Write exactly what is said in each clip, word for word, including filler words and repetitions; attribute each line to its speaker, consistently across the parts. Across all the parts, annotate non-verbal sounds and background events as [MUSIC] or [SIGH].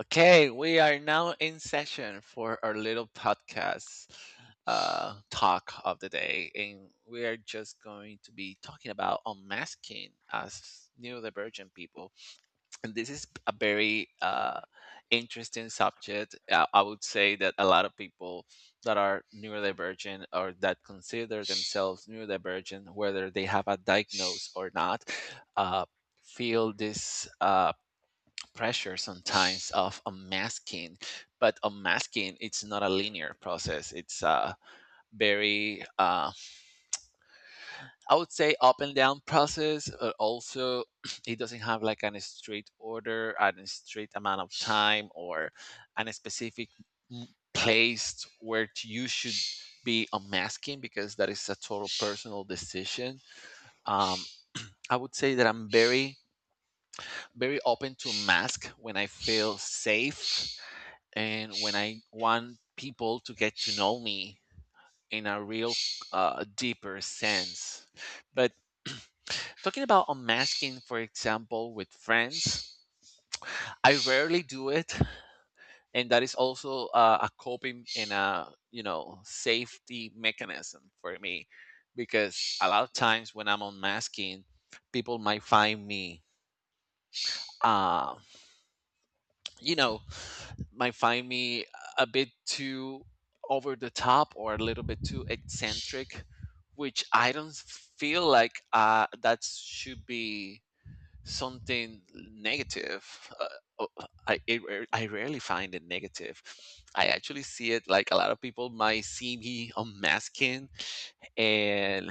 Speaker 1: Okay, we are now in session for our little podcast uh, talk of the day, and we are just going to be talking about unmasking as neurodivergent people. And this is a very uh, interesting subject. Uh, I would say that a lot of people that are neurodivergent or that consider themselves neurodivergent, whether they have a diagnosis or not, uh, feel this. Uh, pressure sometimes of unmasking, but unmasking, it's not a linear process. It's a very uh, I would say up and down process, but also [CLEARS THROAT] it doesn't have like an straight order and a straight amount of time or an specific m- place where t- you should be unmasking, because that is a total personal decision. um, I would say that I'm very very open to mask when I feel safe and when I want people to get to know me in a real, uh, deeper sense. But talking about unmasking, for example, with friends, I rarely do it, and that is also uh, a coping and a you know safety mechanism for me, because a lot of times when I'm unmasking, people might find me, uh, you know. Might find me a bit too over the top or a little bit too eccentric, which I don't feel like uh, that should be something negative. Uh, uh, I, it, rare- I rarely find it negative. I actually see it like a lot of people might see me unmasking and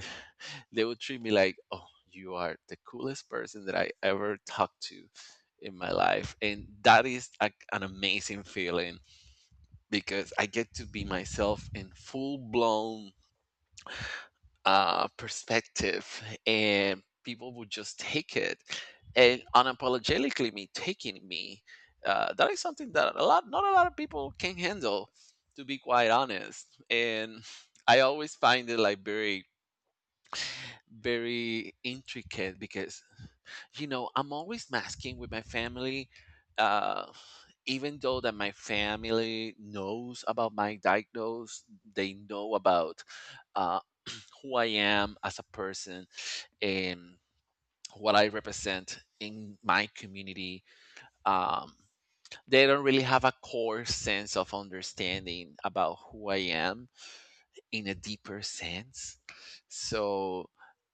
Speaker 1: they would treat me like, oh, you are the coolest person that I ever talked to in my life. And that is a, an amazing feeling because I get to be myself in full blown, uh, perspective, and people would just take it and unapologetically me taking me. Uh, that is something that a lot, not a lot of people can handle, to be quite honest. And I always find it like very, very intricate because you know, I'm always masking with my family, uh, even though that my family knows about my diagnose, they know about uh, who I am as a person and what I represent in my community. Um, they don't really have a core sense of understanding about who I am in a deeper sense. So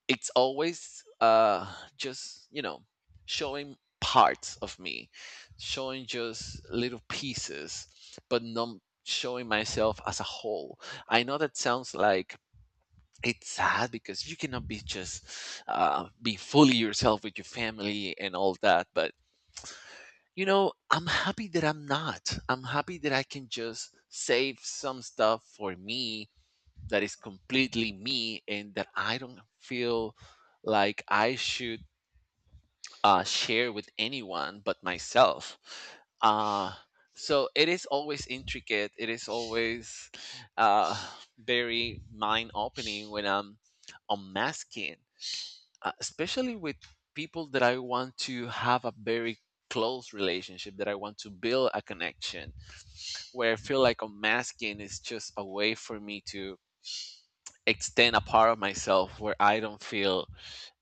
Speaker 1: it's always uh just you know showing parts of me, showing just little pieces, but not showing myself as a whole. I know that sounds like it's sad because you cannot be just uh, be fully yourself with your family and all that, but you know i'm happy that i'm not I'm happy that I can just save some stuff for me, that is completely me and that I don't feel like I should, uh, share with anyone but myself. Uh, so it is always intricate. It is always uh, very mind opening when I'm unmasking, uh, especially with people that I want to have a very close relationship, that I want to build a connection, where I feel like unmasking is just a way for me to extend a part of myself where I don't feel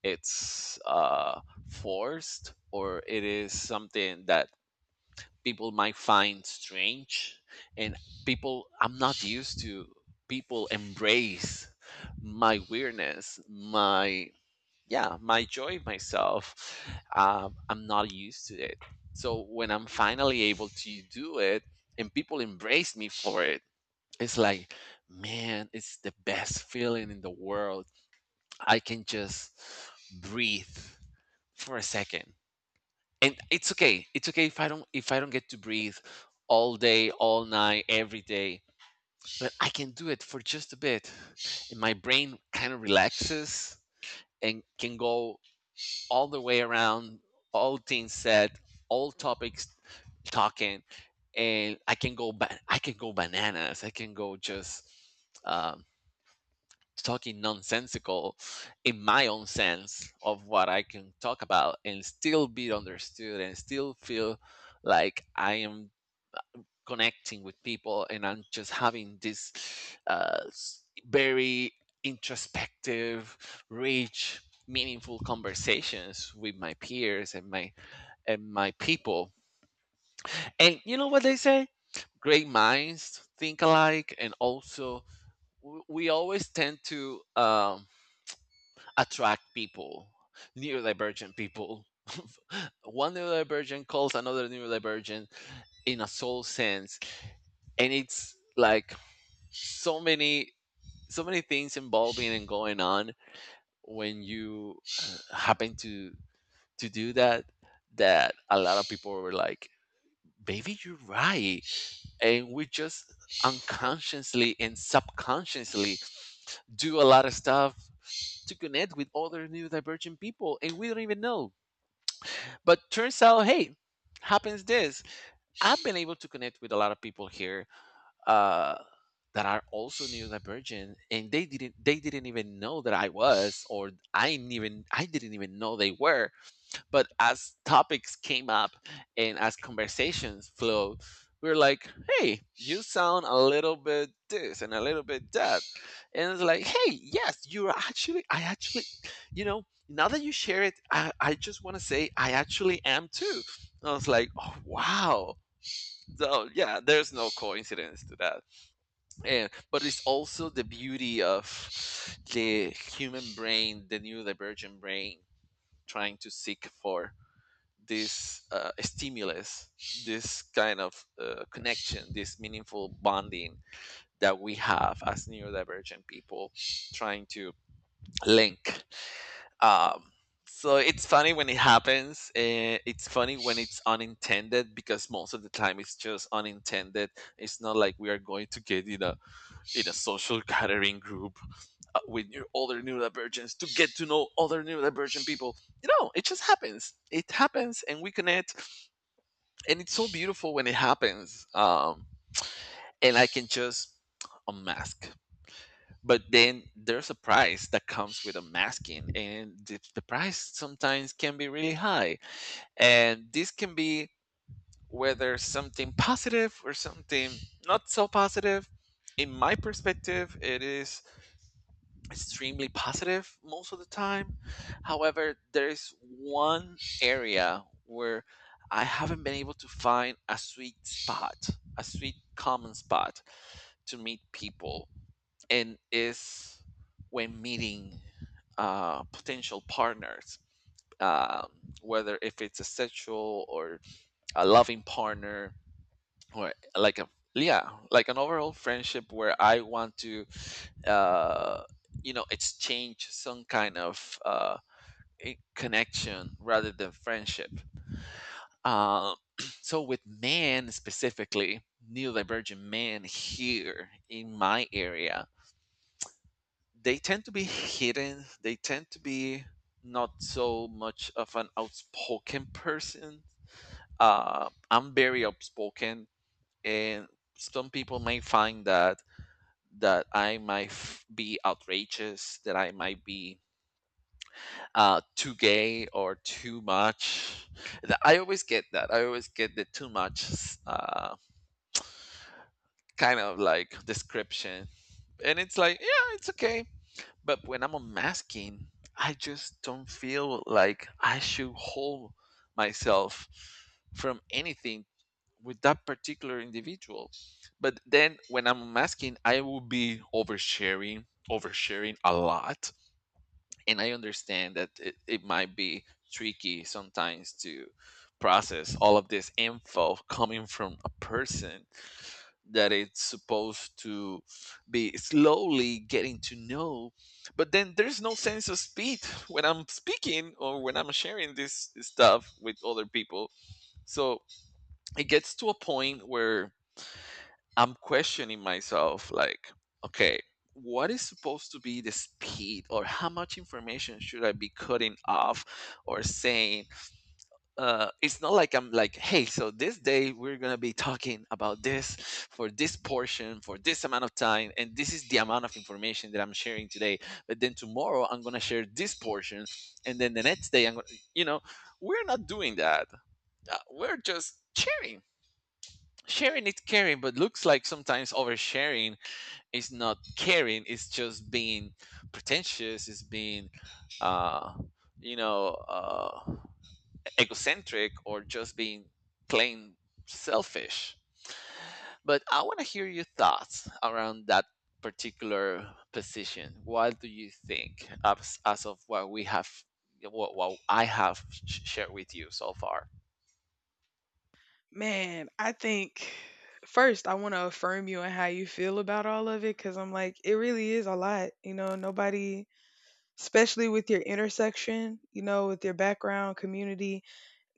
Speaker 1: it's, uh, forced or it is something that people might find strange. And people I'm not used to, people embrace my weirdness, my, yeah, my joy, myself. um, I'm not used to it, so when I'm finally able to do it and people embrace me for it, it's like, man, it's the best feeling in the world. I can just breathe for a second. And it's okay. It's okay if I don't if I don't get to breathe all day, all night, every day, but I can do it for just a bit. And my brain kind of relaxes and can go all the way around, all things said, all topics talking, and I can go ba- I can go bananas. I can go just um, talking nonsensical in my own sense of what I can talk about and still be understood and still feel like I am connecting with people, and I'm just having this, uh, s- very introspective, rich, meaningful conversations with my peers and my and my people. And you know what they say? Great minds think alike, and also w- we always tend to um, attract people, neurodivergent people. [LAUGHS] One neurodivergent calls another neurodivergent in a soul sense, and it's like so many, so many things involving and going on when you uh, happen to to do that. That a lot of people were like, "Baby, you're right," and we just unconsciously and subconsciously do a lot of stuff to connect with other neurodivergent people, and we don't even know. But turns out, hey, happens this. I've been able to connect with a lot of people here uh, that are also neurodivergent, and they didn't they didn't even know that I was, or I didn't even I didn't even know they were. But as topics came up and as conversations flowed, we were like, hey, you sound a little bit this and a little bit that. And it's like, hey, yes, you're actually, I actually, you know, now that you share it, I, I just want to say I actually am too. And I was like, oh, wow. So yeah, there's no coincidence to that. And but it's also the beauty of the human brain, the neurodivergent brain, trying to seek for this, uh, stimulus, this kind of uh, connection, this meaningful bonding that we have as neurodivergent people trying to link. Um, so it's funny when it happens. Uh, it's funny when it's unintended, because most of the time it's just unintended. It's not like we are going to get in a in a social gathering group uh, with your other neurodivergents to get to know other neurodivergent people. You know, it just happens. It happens, and we connect, and it's so beautiful when it happens. Um, and I can just unmask, but then there's a price that comes with unmasking, and the, the price sometimes can be really high. And this can be whether something positive or something not so positive. In my perspective, it is extremely positive most of the time. However, there is one area where I haven't been able to find a sweet spot, a sweet common spot to meet people, and is when meeting, uh, potential partners, um, whether if it's a sexual or a loving partner, or like a, yeah, like an overall friendship where I want to uh, you know exchange some kind of uh, i- connection rather than friendship. um, [CLEARS THROAT] so with men specifically, neurodivergent men here in my area, they tend to be hidden. They tend to be not so much of an outspoken person. uh, I'm very outspoken, and some people may find that, that I might f- be outrageous, that I might be uh too gay or too much. Th- I always get that, I always get the too much s- uh kind of like description, and it's like, yeah, it's okay. But when I'm unmasking, I just don't feel like I should hold myself from anything with that particular individual. But then when I'm unmasking I will be oversharing, oversharing a lot, and I understand that it, it might be tricky sometimes to process all of this info coming from a person that it's supposed to be slowly getting to know. But then there's no sense of speed when I'm speaking or when I'm sharing this stuff with other people. So it gets to a point where I'm questioning myself like, okay, what is supposed to be the speed, or how much information should I be cutting off or saying? Uh, it's not like I'm like, hey, so this day we're going to be talking about this for this portion for this amount of time. And this is the amount of information that I'm sharing today. But then tomorrow I'm going to share this portion. And then the next day I'm going to, you know, we're not doing that. Uh, We're just sharing. Sharing is caring, but looks like sometimes oversharing, it's not caring. It's just being pretentious, it's being uh you know uh egocentric, or just being plain selfish. But I want to hear your thoughts around that particular position. What do you think as, as of what we have, what, what I have sh- shared with you so far?
Speaker 2: Man, I think first I want to affirm you and how you feel about all of it because I'm like, it really is a lot. You know, nobody, especially with your intersection, you know, with your background, community,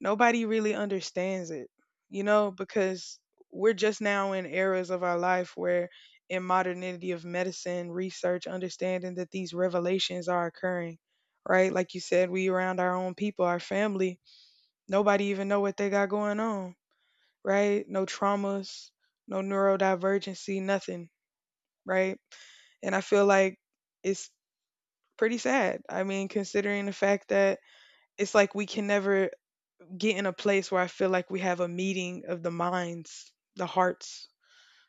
Speaker 2: nobody really understands it, you know, because we're just now in eras of our life where in modernity of medicine, research, understanding that these revelations are occurring, right? Like you said, we around our own people, our family, nobody even know what they got going on, right? No traumas, no neurodivergency, nothing, right? And I feel like it's pretty sad. I mean, considering the fact that it's like we can never get in a place where I feel like we have a meeting of the minds, the hearts,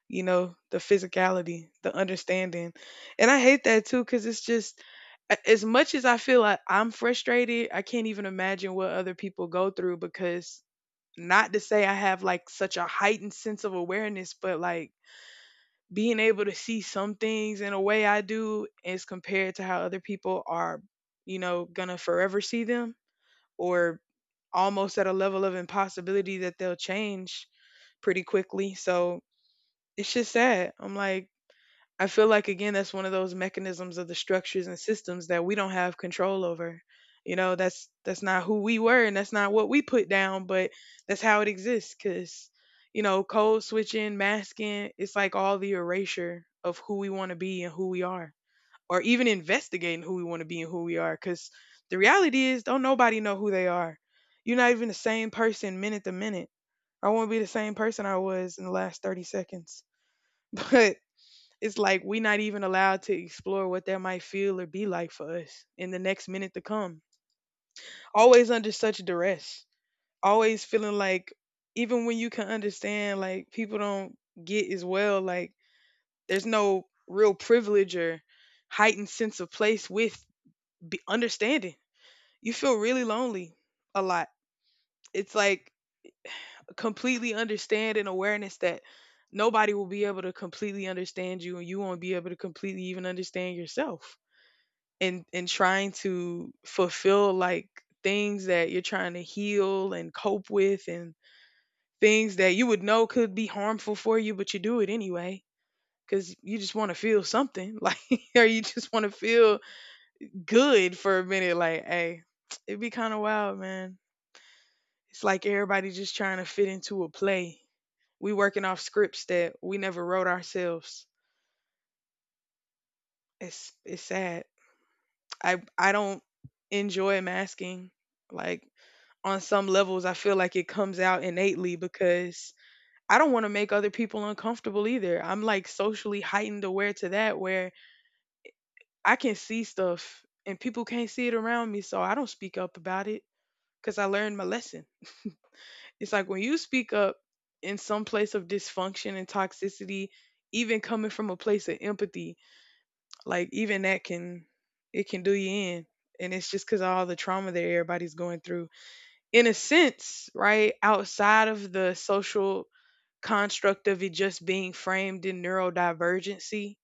Speaker 2: you know, the physicality, the understanding. And I hate that too, because it's just, a- as much as I feel like I'm frustrated, I can't even imagine what other people go through because not to say I have like such a heightened sense of awareness, but like being able to see some things in a way I do as compared to how other people are, you know, gonna forever see them or almost at a level of impossibility that they'll change pretty quickly. So it's just sad. I'm like, I feel like again that's one of those mechanisms of the structures and systems that we don't have control over. You know, that's that's not who we were and that's not what we put down, but that's how it exists cuz, you know, code switching, masking, it's like all the erasure of who we want to be and who we are or even investigating who we want to be and who we are cuz the reality is don't nobody know who they are. You're not even the same person minute to minute. I won't be the same person I was in the last thirty seconds. [LAUGHS] But it's like we're not even allowed to explore what that might feel or be like for us in the next minute to come. Always under such duress, always feeling like even when you can understand, like people don't get as well, like there's no real privilege or heightened sense of place with be- understanding. You feel really lonely a lot. It's like completely understand and awareness that nobody will be able to completely understand you and you won't be able to completely even understand yourself and and trying to fulfill like things that you're trying to heal and cope with and things that you would know could be harmful for you but you do it anyway because you just want to feel something, [LAUGHS] like or you just want to feel good for a minute. Like, hey, it'd be kind of wild, man. It's like everybody just trying to fit into a play. We working off scripts that we never wrote ourselves. It's it's sad. I I don't enjoy masking. Like on some levels, I feel like it comes out innately because I don't want to make other people uncomfortable either. I'm like socially heightened aware to that where I can see stuff and people can't see it around me, so I don't speak up about it because I learned my lesson. It's like when you speak up in some place of dysfunction and toxicity, even coming from a place of empathy, like even that can, it can do you in. And it's just because of all the trauma that everybody's going through. In a sense, right, outside of the social construct of it just being framed in neurodivergency,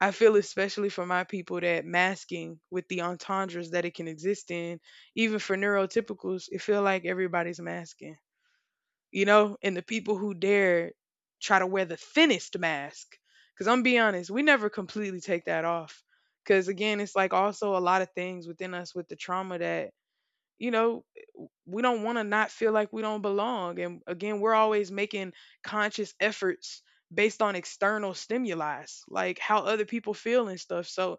Speaker 2: I feel especially for my people that masking with the entendres that it can exist in, even for neurotypicals, it feel like everybody's masking, you know, and the people who dare try to wear the thinnest mask. Because I'm be honest, we never completely take that off. Because again, it's like also a lot of things within us with the trauma that, you know, we don't want to not feel like we don't belong. And again, we're always making conscious efforts based on external stimuli, like how other people feel and stuff. So,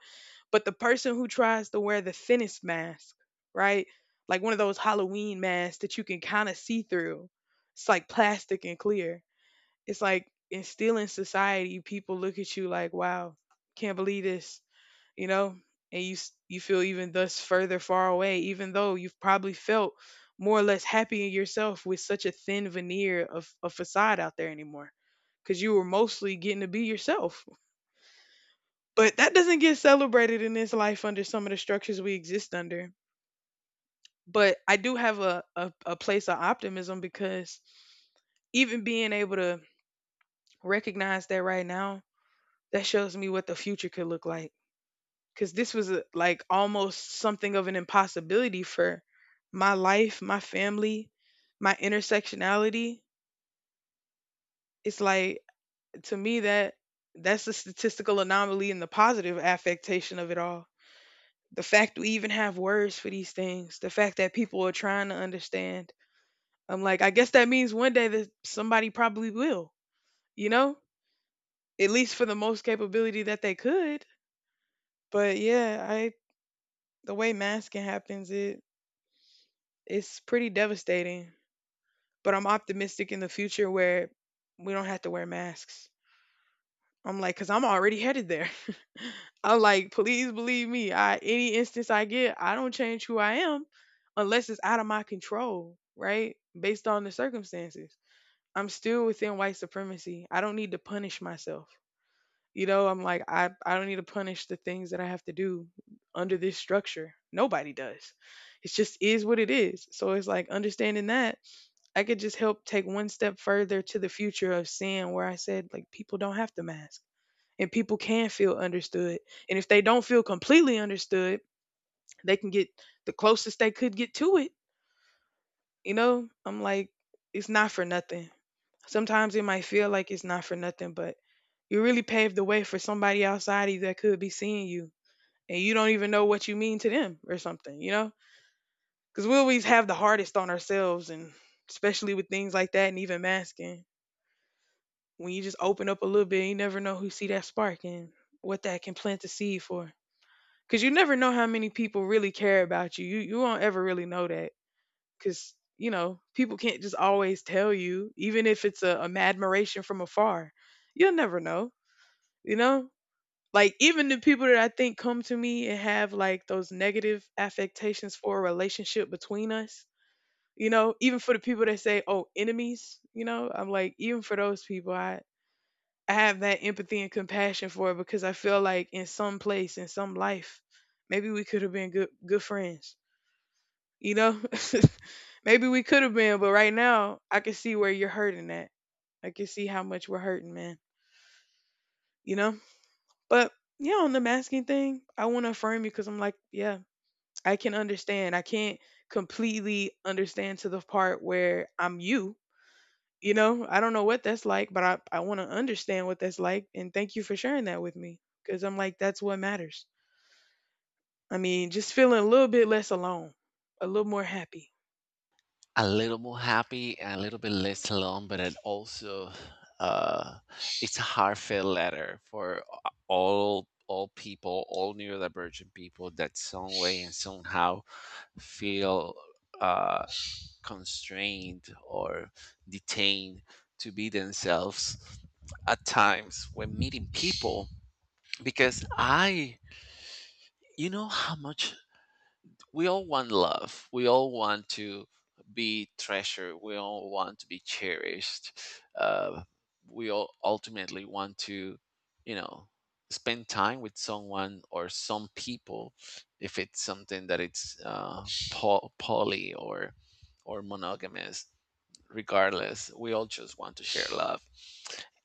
Speaker 2: but the person who tries to wear the thinnest mask, right? Like one of those Halloween masks that you can kind of see through, it's like plastic and clear. It's like instill in society, people look at you like, wow, can't believe this, you know, and you s- you feel even thus further far away, even though you've probably felt more or less happy in yourself with such a thin veneer of a facade out there anymore, because you were mostly getting to be yourself. But that doesn't get celebrated in this life under some of the structures we exist under. But I do have a, a, a place of optimism because even being able to recognize that right now, that shows me what the future could look like, because this was a, like almost something of an impossibility for my life, my family, my intersectionality. It's like to me that that's a statistical anomaly in the positive affectation of it all. The fact we even have words for these things, the fact that people are trying to understand. I'm like, I guess that means one day that somebody probably will, you know, at least for the most capability that they could. But yeah, I, the way masking happens, it it's pretty devastating. But I'm optimistic in the future where we don't have to wear masks. I'm like, cause I'm already headed there. [LAUGHS] I'm like, please believe me. I, any instance I get, I don't change who I am unless it's out of my control, right? Based on the circumstances. I'm still within white supremacy. I don't need to punish myself. You know, I'm like, I, I don't need to punish the things that I have to do under this structure. Nobody does. It just is what it is. So it's like understanding that I could just help take one step further to the future of seeing where I said, like, people don't have to mask and people can feel understood. And if they don't feel completely understood, they can get the closest they could get to it. You know, I'm like, it's not for nothing. Sometimes it might feel like it's not for nothing, but you really paved the way for somebody outside of you that could be seeing you and you don't even know what you mean to them or something, you know? Because we always have the hardest on ourselves and especially with things like that and even masking. When you just open up a little bit, you never know who see that spark and what that can plant the seed for. Because you never know how many people really care about you. You you won't ever really know that. Because, you know, people can't just always tell you, even if it's a, a admiration from afar. You'll never know. You know, like even the people that I think come to me and have like those negative affectations for a relationship between us. You know, even for the people that say, "Oh, enemies," you know, I'm like, even for those people, I I have that empathy and compassion for it because I feel like in some place, in some life, maybe we could have been good good friends. You know? [LAUGHS] Maybe we could have been, but right now I can see where you're hurting at. I can see how much we're hurting, man. You know? But yeah, on the masking thing, I want to affirm you because I'm like, yeah, I can understand. I can't completely understand to the part where I'm you. You know, I don't know what that's like, but I, I want to understand what that's like. And thank you for sharing that with me because I'm like, that's what matters. I mean, just feeling a little bit less alone, a little more happy.
Speaker 1: A little more happy and a little bit less alone, but it also, uh, it's a heartfelt letter for all all people, all neurodivergent people that some way and somehow feel, uh, constrained or detained to be themselves at times when meeting people, because I, you know how much we all want love. We all want to be treasured. We all want to be cherished. Uh, we all ultimately want to, you know, spend time with someone or some people, if it's something that it's uh, po- poly or or monogamous. Regardless, we all just want to share love,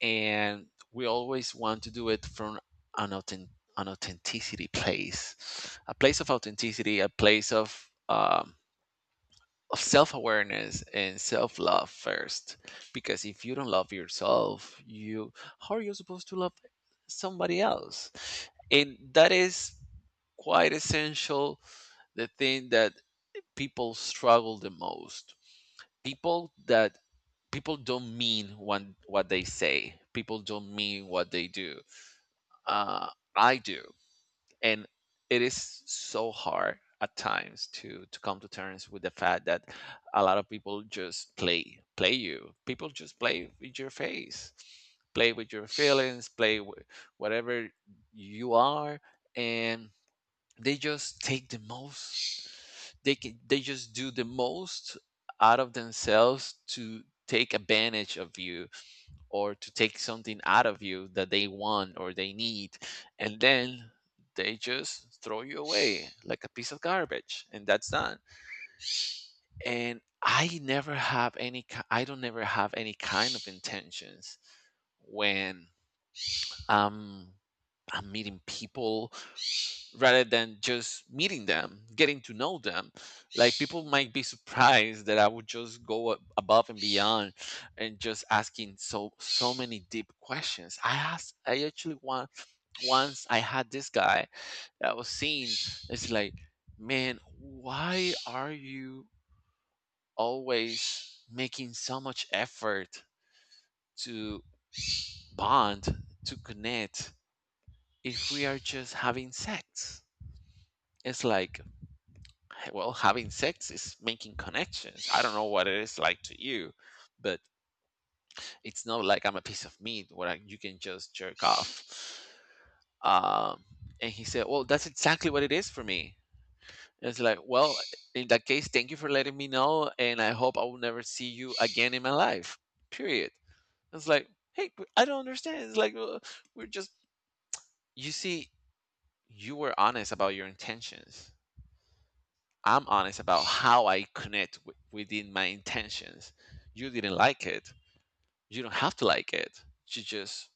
Speaker 1: and we always want to do it from an, authen- an authenticity place, a place of authenticity, a place of um, of self-awareness and self-love first. Because if you don't love yourself, you how are you supposed to love somebody else? And that is quite essential, the thing that people struggle the most. people that People don't mean what what they say. People don't mean what they do. Uh, I do, and it is so hard at times to to come to terms with the fact that a lot of people just play play you. People just play with your face, play with your feelings, play with whatever you are, and they just take the most they can, they just do the most out of themselves to take advantage of you or to take something out of you that they want or they need, and then they just throw you away like a piece of garbage and that's done. And i never have any ki- i don't never have any kind of intentions when um I'm meeting people, rather than just meeting them, getting to know them. Like, people might be surprised that I would just go a- above and beyond and just asking so so many deep questions. I asked I actually want, once I had this guy that I was seeing, it's like, man, why are you always making so much effort to bond, to connect if we are just having sex? It's like, well, having sex is making connections. I don't know what it is like to you, but it's not like I'm a piece of meat where I, you can just jerk off. Um, and he said, well, that's exactly what it is for me. And it's like, well, in that case, thank you for letting me know. And I hope I will never see you again in my life. Period. It's like, hey, but I don't understand. It's like, uh, we're just, you see, you were honest about your intentions, I'm honest about how I connect w- within my intentions. You didn't like it. You don't have to like it. You just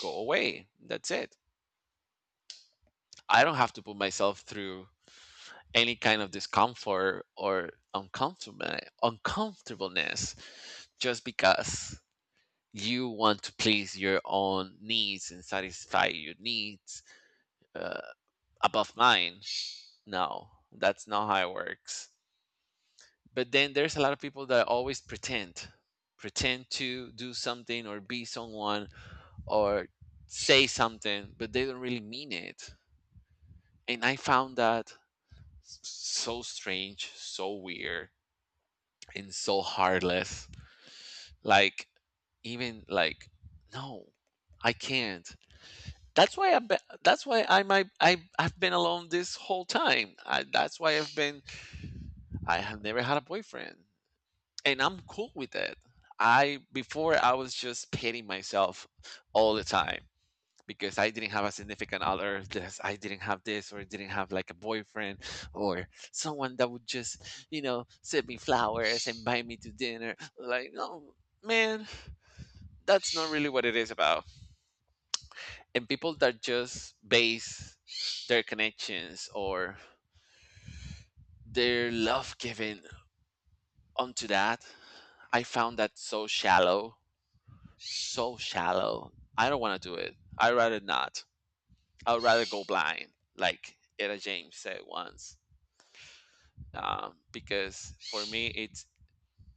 Speaker 1: go away. That's it. I don't have to put myself through any kind of discomfort or uncomfortable uncomfortableness just because you want to please your own needs and satisfy your needs uh, above mine. No, that's not how it works. But then there's a lot of people that always pretend pretend to do something or be someone, or say something but they don't really mean it. And I found that s- so strange, so weird, and so heartless. Like, even like, no, I can't. That's why i be- that's why I might I I've been alone this whole time. I, that's why I've been, I have never had a boyfriend, and I'm cool with that. I, before, I was just pitting myself all the time because I didn't have a significant other, this I didn't have this, or didn't have like a boyfriend or someone that would just, you know, send me flowers and buy me to dinner. Like, no, man, that's not really what it is about. And people that just base their connections or their love giving onto that, I found that so shallow so shallow. I don't want to do it. I'd rather not. I'd rather go blind, like Etta James said once. Um, because for me, it's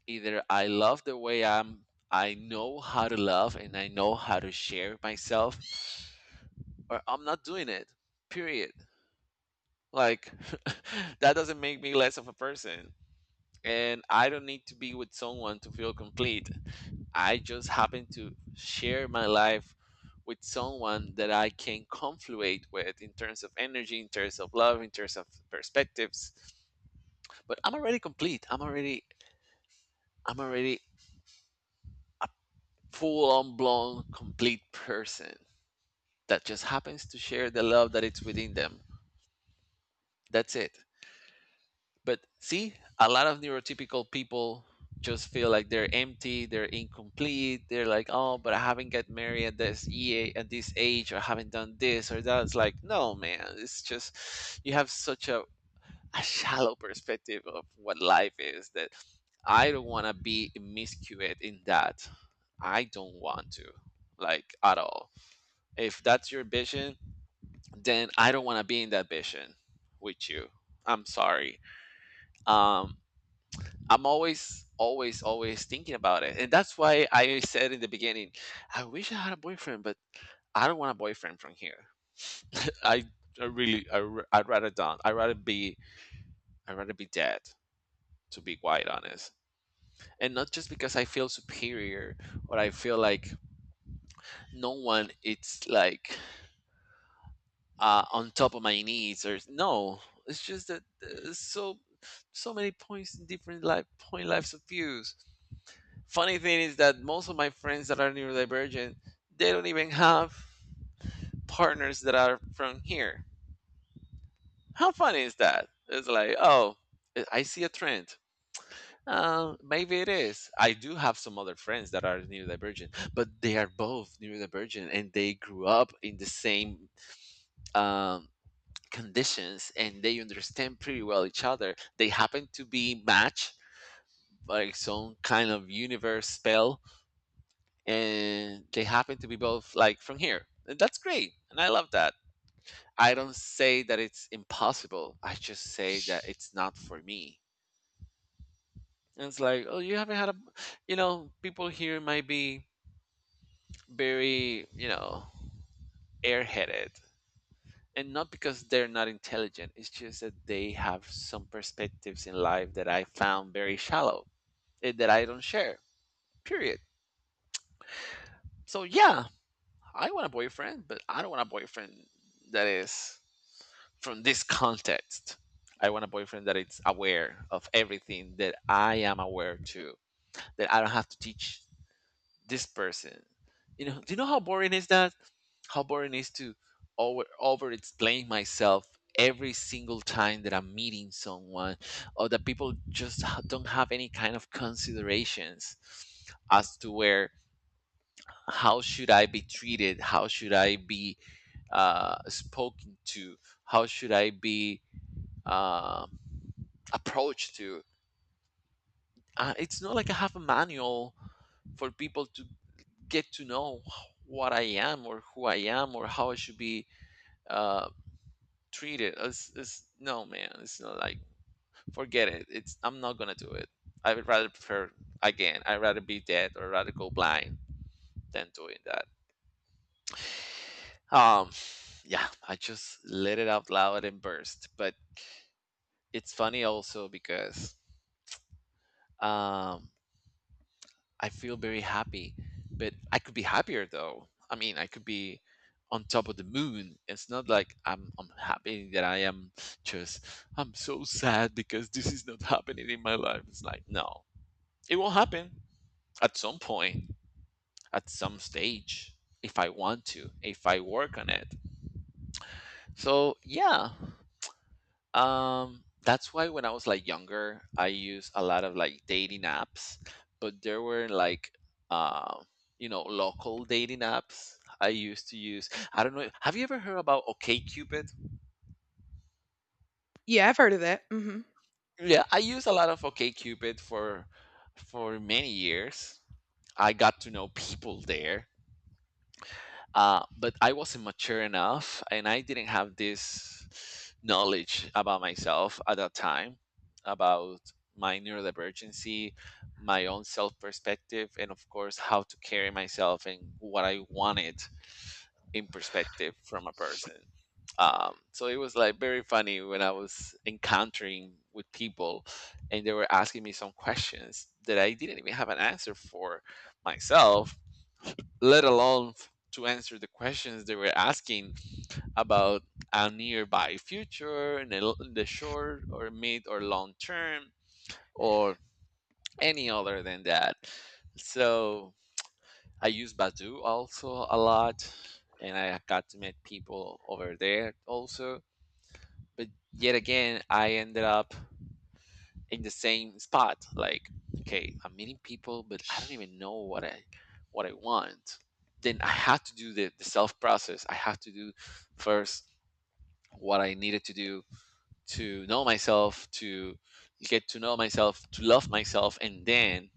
Speaker 1: either I love the way I'm, I know how to love and I know how to share myself, or I'm not doing it, period. Like, [LAUGHS] that doesn't make me less of a person. And I don't need to be with someone to feel complete. I just happen to share my life with someone that I can confluate with in terms of energy, in terms of love, in terms of perspectives. But I'm already complete. I'm already I'm already full on blown complete person that just happens to share the love that it's within them. That's it. But see, a lot of neurotypical people just feel like they're empty, they're incomplete. They're like, oh, but I haven't get married at this EA at this age, or I haven't done this or that. It's like, no, man, it's just you have such a, a shallow perspective of what life is, that I don't want to be immiscuous in that. I don't want to, like, at all. If that's your vision, then I don't want to be in that vision with you. I'm sorry. Um, I'm always, always, always thinking about it. And that's why I said in the beginning, I wish I had a boyfriend, but I don't want a boyfriend from here. [LAUGHS] I, I really, I, r- I'd rather don't. I'd rather be, I'd rather be dead, to be quite honest. And not just because I feel superior or I feel like no one, it's like, uh, on top of my knees or no. It's just that uh, so so many points in different life point lives of views. Funny thing is that most of my friends that are neurodivergent, they don't even have partners that are from here. How funny is that? It's like, oh, I see a trend. Uh, maybe it is. I do have some other friends that are neurodivergent, but they are both neurodivergent and they grew up in the same um, conditions, and they understand pretty well each other. They happen to be matched like some kind of universe spell, and they happen to be both like from here. And that's great. And I love that. I don't say that it's impossible. I just say that it's not for me. And it's like, oh, you haven't had a, you know, people here might be very, you know, airheaded. And not because they're not intelligent, it's just that they have some perspectives in life that I found very shallow, eh, that I don't share, period. So, yeah, I want a boyfriend, but I don't want a boyfriend that is from this context. I want a boyfriend that is aware of everything that I am aware to, that I don't have to teach this person. You know, do you know how boring is that, how boring is to over over explain myself every single time that I'm meeting someone, or that people just h- don't have any kind of considerations as to where, how should I be treated, how should I be uh, spoken to, how should I be um, approach to. Uh, it's not like I have a manual for people to get to know what I am or who I am or how I should be uh, treated. It's, it's, no, man, it's not like, forget it. It's I'm not gonna do it. I would rather prefer again, I'd rather be dead or rather go blind than doing that. Um, yeah, I just let it out loud and burst. But it's funny also because um I feel very happy, but I could be happier though. I mean, I could be on top of the moon. It's not like I'm I'm happy that I am just I'm so sad because this is not happening in my life. It's like no, it will happen at some point, at some stage, if I want to, if I work on it. So yeah, Um, that's why when I was like younger, I used a lot of like dating apps, but there were like uh, you know, local dating apps I used to use. I don't know. Have you ever heard about OkCupid?
Speaker 2: Yeah, I've heard of that. Hmm.
Speaker 1: Yeah, I used a lot of OkCupid for for many years. I got to know people there. uh, but I wasn't mature enough, and I didn't have this knowledge about myself at that time, about my neurodivergency, my own self perspective, and of course how to carry myself and what I wanted in perspective from a person. Um, so it was like very funny when I was encountering with people, and they were asking me some questions that I didn't even have an answer for myself, let alone f- to answer the questions they were asking about a nearby future in the, l- in the short or mid or long term, or any other than that. So I use Badoo also a lot, and I got to meet people over there also. But yet again, I ended up in the same spot. Like, okay, I'm meeting people, but I don't even know what I what I want. Then I have to do the, the self process. I have to do first what I needed to do to know myself, to get to know myself, to love myself, and then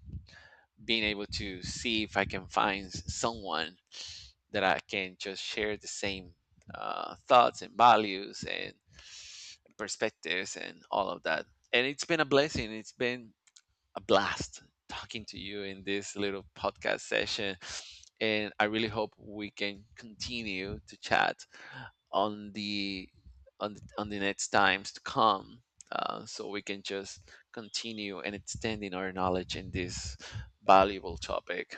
Speaker 1: being able to see if I can find s- someone that I can just share the same uh, thoughts and values and perspectives and all of that. And it's been a blessing. It's been a blast talking to you in this little podcast session. And I really hope we can continue to chat on the on the, on the next times to come. Uh, so we can just continue and extending our knowledge in this valuable topic.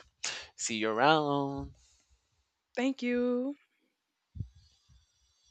Speaker 1: See you around.
Speaker 2: Thank you.